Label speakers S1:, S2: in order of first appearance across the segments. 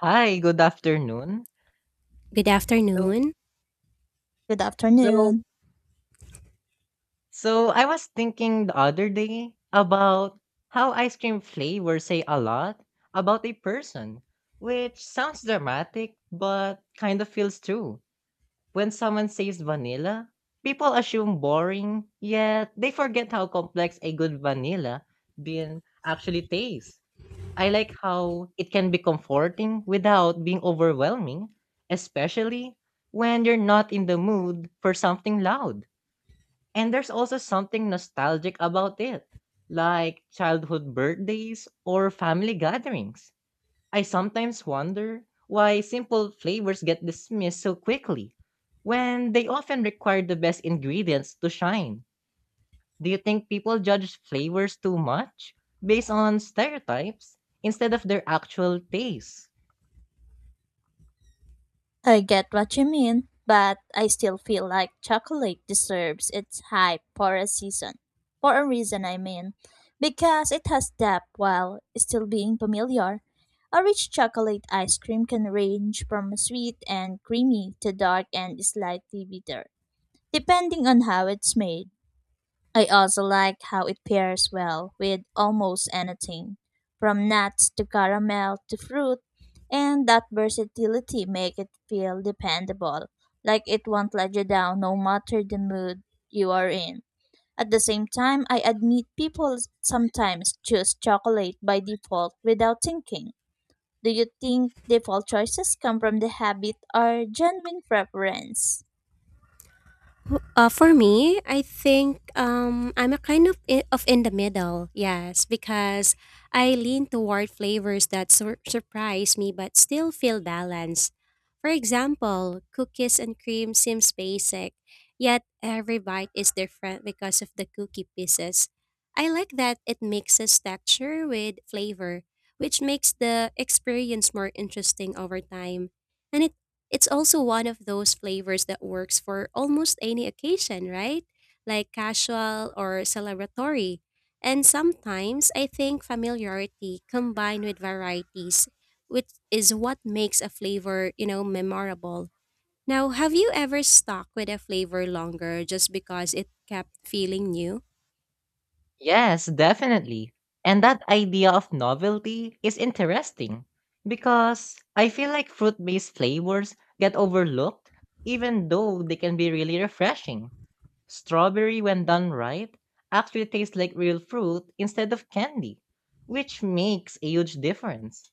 S1: Hi, good afternoon.
S2: Good
S1: So
S2: afternoon.
S3: Good
S1: so
S3: afternoon.
S1: so I was thinking the other day about how ice cream flavors say a lot about a person, which sounds dramatic but kind of feels true. When someone says vanilla, people assume boring, yet they forget how complex a good vanilla bean actually tastes. I like how it can be comforting without being overwhelming, especially when you're not in the mood for something loud. And there's also something nostalgic about it, like childhood birthdays or family gatherings. I sometimes wonder why simple flavors get dismissed so quickly when they often require the best ingredients to shine. Do you think people judge flavors too much based on stereotypes instead of their actual taste?
S3: I get what you mean, but I still feel like chocolate deserves its hype for a season. For a reason, I mean. Because it has depth while still being familiar. A rich chocolate ice cream can range from sweet and creamy to dark and slightly bitter, depending on how it's made. I also like how it pairs well with almost anything, from nuts to caramel to fruit, and that versatility make it feel dependable, like it won't let you down no matter the mood you are in. At the same time, I admit people sometimes choose chocolate by default without thinking. Do you think default choices come from the habit or genuine preference?
S2: For me, I think I'm a kind of in the middle. Yes, because I lean toward flavors that surprise me but still feel balanced. For example, cookies and cream seems basic, yet every bite is different because of the cookie pieces. I like that it mixes texture with flavor, which makes the experience more interesting over time. And it It's also one of those flavors that works for almost any occasion, right? Like casual or celebratory. And sometimes I think familiarity combined with varieties, which is what makes a flavor, memorable. Now, have you ever stuck with a flavor longer just because it kept feeling new?
S1: Yes, definitely. And that idea of novelty is interesting because I feel like fruit based flavors get overlooked even though they can be really refreshing. Strawberry, when done right, actually tastes like real fruit instead of candy, which makes a huge difference.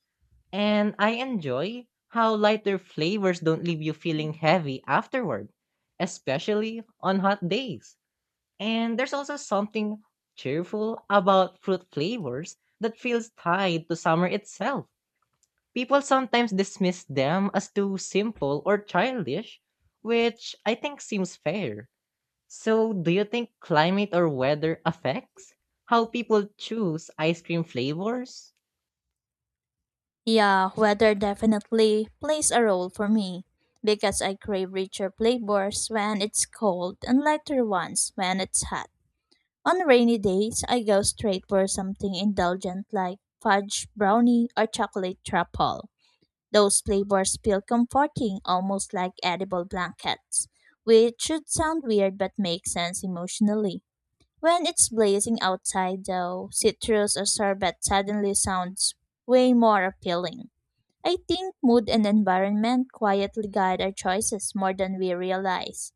S1: And I enjoy how lighter flavors don't leave you feeling heavy afterward, especially on hot days. And there's also something cheerful about fruit flavors that feels tied to summer itself. People sometimes dismiss them as too simple or childish, which I think seems fair. So, do you think climate or weather affects how people choose ice cream flavors?
S3: Yeah, weather definitely plays a role for me because I crave richer flavors when it's cold and lighter ones when it's hot. On rainy days, I go straight for something indulgent like fudge brownie or chocolate truffle. Those flavors feel comforting, almost like edible blankets, which should sound weird but makes sense emotionally. When it's blazing outside, though, citrus or sorbet suddenly sounds way more appealing. I think mood and environment quietly guide our choices more than we realize.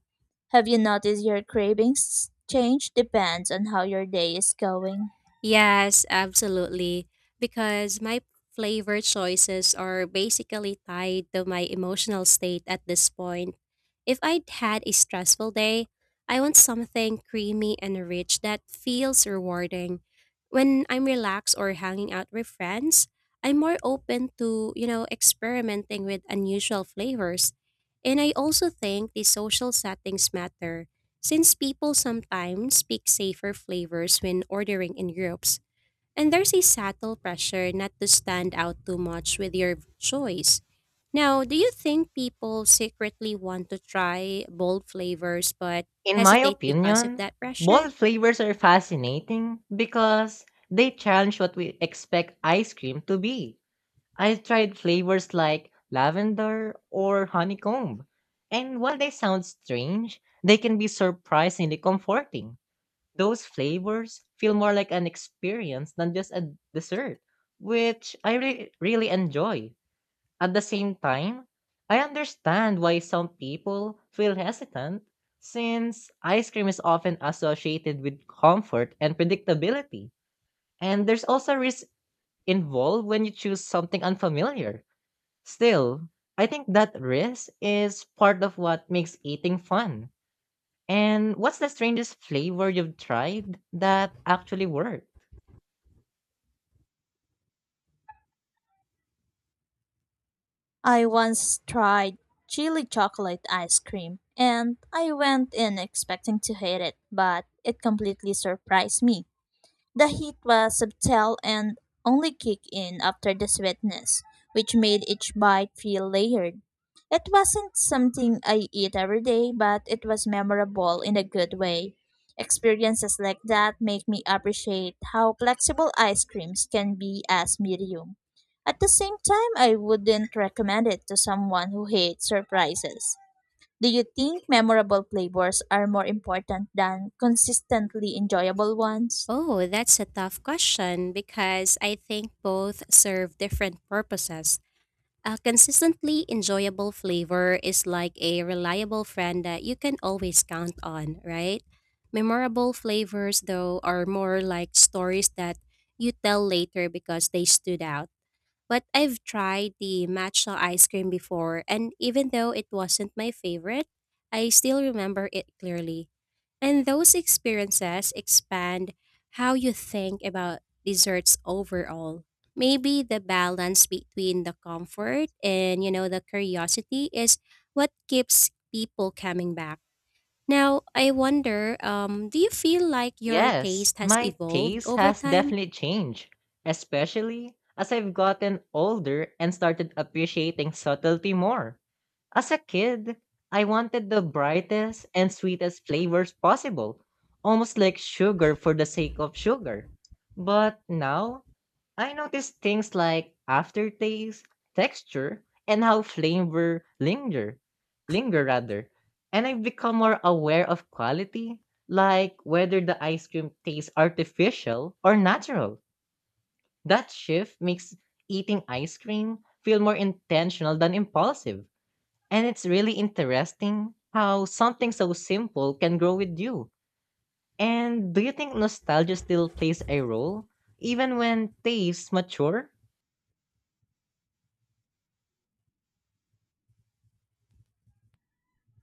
S3: Have you noticed your cravings change depends on how your day is going?
S2: Yes, absolutely. Because my flavor choices are basically tied to my emotional state at this point. If I'd had a stressful day, I want something creamy and rich that feels rewarding. When I'm relaxed or hanging out with friends, I'm more open to, experimenting with unusual flavors. And I also think the social settings matter since people sometimes pick safer flavors when ordering in groups, and there's a subtle pressure not to stand out too much with your choice. Now, do you think people secretly want to try bold flavors but
S1: In my
S2: hesitate because of
S1: opinion,
S2: that pressure?
S1: bold flavors are fascinating because they challenge what we expect ice cream to be. I've tried flavors like lavender or honeycomb, and while they sound strange, they can be surprisingly comforting. Those flavors feel more like an experience than just a dessert, which I really enjoy. At the same time, I understand why some people feel hesitant since ice cream is often associated with comfort and predictability. And there's also risk involved when you choose something unfamiliar. Still, I think that risk is part of what makes eating fun. And what's the strangest flavor you've tried that actually worked?
S3: I once tried chili chocolate ice cream and I went in expecting to hate it, but it completely surprised me. The heat was subtle and only kicked in after the sweetness, which made each bite feel layered. It wasn't something I eat every day, but it was memorable in a good way. Experiences like that make me appreciate how flexible ice creams can be as medium. At the same time, I wouldn't recommend it to someone who hates surprises. Do you think memorable flavors are more important than consistently enjoyable ones?
S2: Oh, that's a tough question because I think both serve different purposes. A consistently enjoyable flavor is like a reliable friend that you can always count on, right? Memorable flavors, though, are more like stories that you tell later because they stood out. But I've tried the matcha ice cream before, and even though it wasn't my favorite, I still remember it clearly. And those experiences expand how you think about desserts overall. Maybe the balance between the comfort and, the curiosity is what keeps people coming back. Now, I wonder, do you feel like your
S1: Yes,
S2: taste has
S1: my
S2: evolved
S1: taste
S2: over
S1: has
S2: time?
S1: definitely changed, especially as I've gotten older and started appreciating subtlety more. As a kid, I wanted the brightest and sweetest flavors possible, almost like sugar for the sake of sugar. But now, I notice things like aftertaste, texture, and how flavor linger, rather. And I've become more aware of quality, like whether the ice cream tastes artificial or natural. That shift makes eating ice cream feel more intentional than impulsive. And it's really interesting how something so simple can grow with you. And do you think nostalgia still plays a role, even when tastes mature?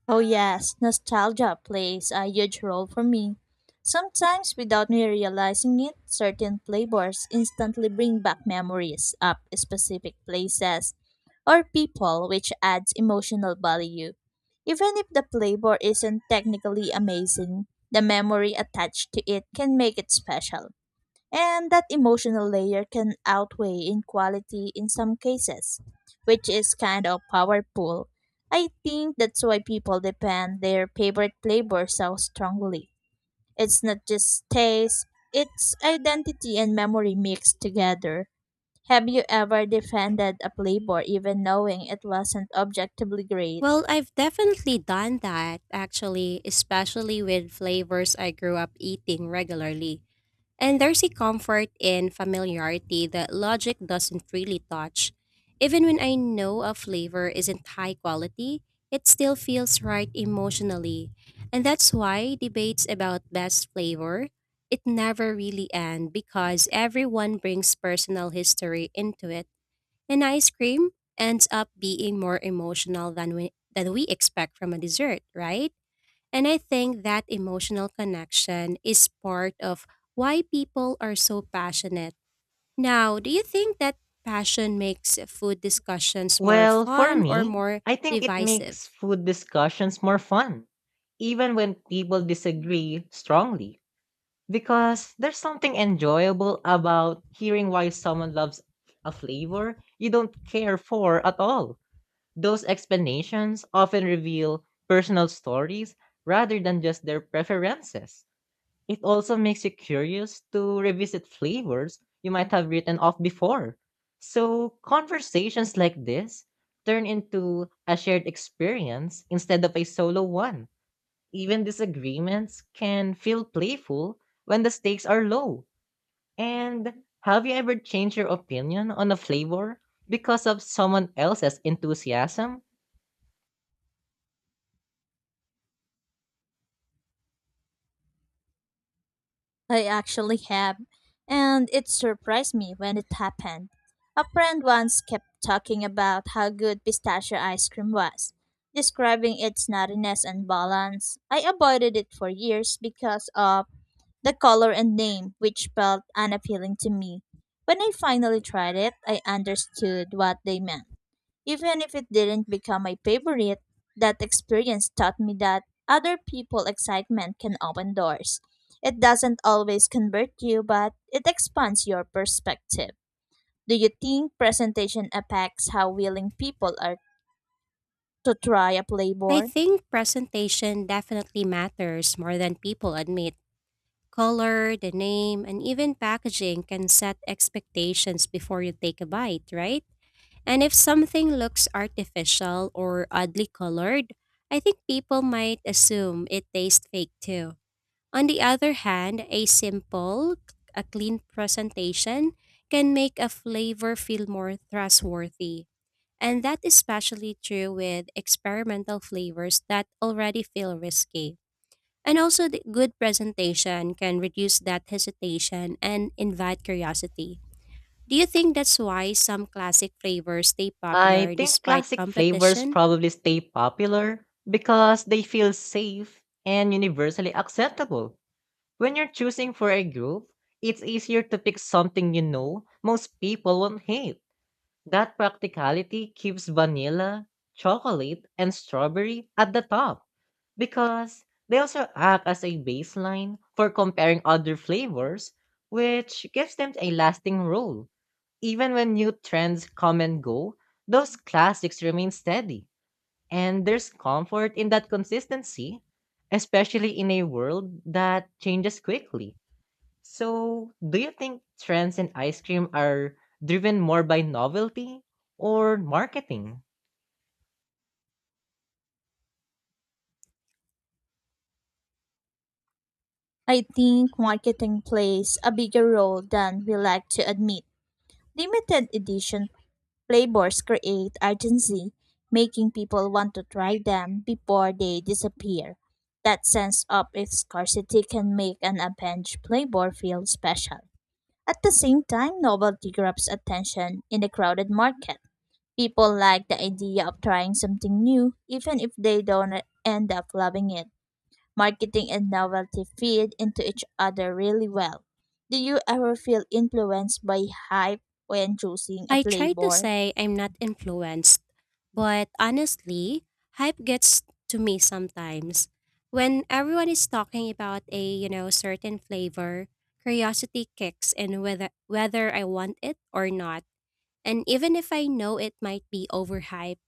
S3: Oh, yes, nostalgia plays a huge role for me. Sometimes, without me realizing it, certain flavors instantly bring back memories of specific places or people, which adds emotional value. Even if the flavor isn't technically amazing, the memory attached to it can make it special. And that emotional layer can outweigh in quality in some cases, which is kind of powerful. I think that's why people depend their favorite flavor so strongly. It's not just taste, it's identity and memory mixed together. Have you ever defended a flavor even knowing it wasn't objectively great?
S2: Well, I've definitely done that, actually, especially with flavors I grew up eating regularly. And there's a comfort in familiarity that logic doesn't really touch. Even when I know a flavor isn't high quality, it still feels right emotionally. And that's why debates about best flavor, it never really end because everyone brings personal history into it. And ice cream ends up being more emotional than we expect from a dessert, right? And I think that emotional connection is part of why people are so passionate. Now, do you think that passion makes food discussions more
S1: Well, for
S2: fun or
S1: me,
S2: more
S1: I think it
S2: divisive?
S1: makes food discussions more fun, even when people disagree strongly, because there's something enjoyable about hearing why someone loves a flavor you don't care for at all. Those explanations often reveal personal stories rather than just their preferences. It also makes you curious to revisit flavors you might have written off before. So, conversations like this turn into a shared experience instead of a solo one. Even disagreements can feel playful when the stakes are low. And have you ever changed your opinion on a flavor because of someone else's enthusiasm?
S3: I actually have, and it surprised me when it happened. A friend once kept talking about how good pistachio ice cream was, describing its nuttiness and balance. I avoided it for years because of the color and name, which felt unappealing to me. When I finally tried it, I understood what they meant. Even if it didn't become my favorite, that experience taught me that other people excitement can open doors. It doesn't always convert you, but it expands your perspective. Do you think presentation affects how willing people are to try a
S2: I
S3: flavor?
S2: think presentation definitely matters more than people admit. Color, the name, and even packaging can set expectations before you take a bite, right? And if something looks artificial or oddly colored, I think people might assume it tastes fake too. On the other hand, a clean presentation can make a flavor feel more trustworthy. And that is especially true with experimental flavors that already feel risky. And also, the good presentation can reduce that hesitation and invite curiosity. Do you think that's why some classic flavors stay
S1: I
S2: popular
S1: think
S2: despite
S1: classic flavors
S2: competition?
S1: probably stay popular because they feel safe and universally acceptable. When you're choosing for a group, it's easier to pick something you know most people won't hate. That practicality keeps vanilla, chocolate, and strawberry at the top because they also act as a baseline for comparing other flavors, which gives them a lasting role. Even when new trends come and go, those classics remain steady, and there's comfort in that consistency, especially in a world that changes quickly. So, do you think trends in ice cream are driven more by novelty or marketing?
S3: I think marketing plays a bigger role than we like to admit. Limited edition flavors create urgency, making people want to try them before they disappear. That sense of scarcity can make an avenged flavor feel special. At the same time, novelty grabs attention in a crowded market. People like the idea of trying something new, even if they don't end up loving it. Marketing and novelty feed into each other really well. Do you ever feel influenced by hype when choosing a
S2: I try to
S3: flavor?
S2: say I'm not influenced, but honestly, hype gets to me sometimes. When everyone is talking about a, certain flavor, curiosity kicks in whether I want it or not. And even if I know it might be overhyped,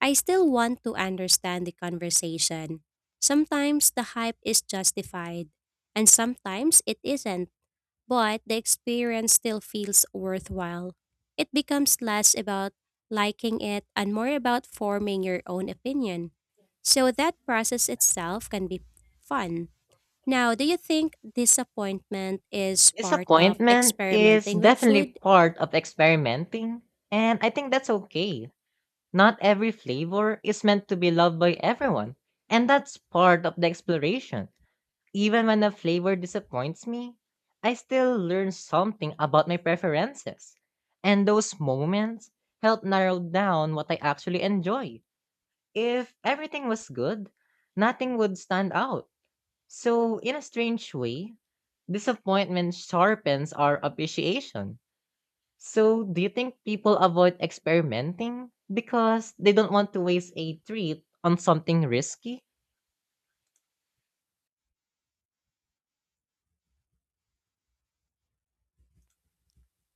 S2: I still want to understand the conversation. Sometimes the hype is justified, and sometimes it isn't, but the experience still feels worthwhile. It becomes less about liking it and more about forming your own opinion. So that process itself can be fun. Now, do you think disappointment is part of
S1: Disappointment is
S2: experimenting with
S1: definitely
S2: food?
S1: part of experimenting, and I think that's okay. Not every flavor is meant to be loved by everyone, and that's part of the exploration. Even when a flavor disappoints me, I still learn something about my preferences. And those moments help narrow down what I actually enjoy. If everything was good, nothing would stand out. So, in a strange way, disappointment sharpens our appreciation. So, do you think people avoid experimenting because they don't want to waste a treat on something risky?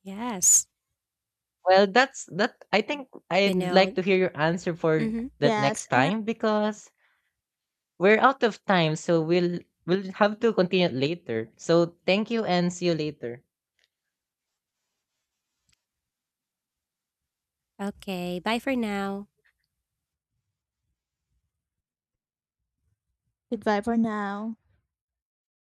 S2: Yes.
S1: Well, that's that. I think
S2: You
S1: I'd
S2: know?
S1: like to hear your answer for
S2: Mm-hmm.
S1: that
S3: Yes,
S1: next
S3: and
S1: time because we're out of time, so we'll have to continue it later. So, thank you and see you later.
S2: Okay, bye for now.
S3: goodbye for now.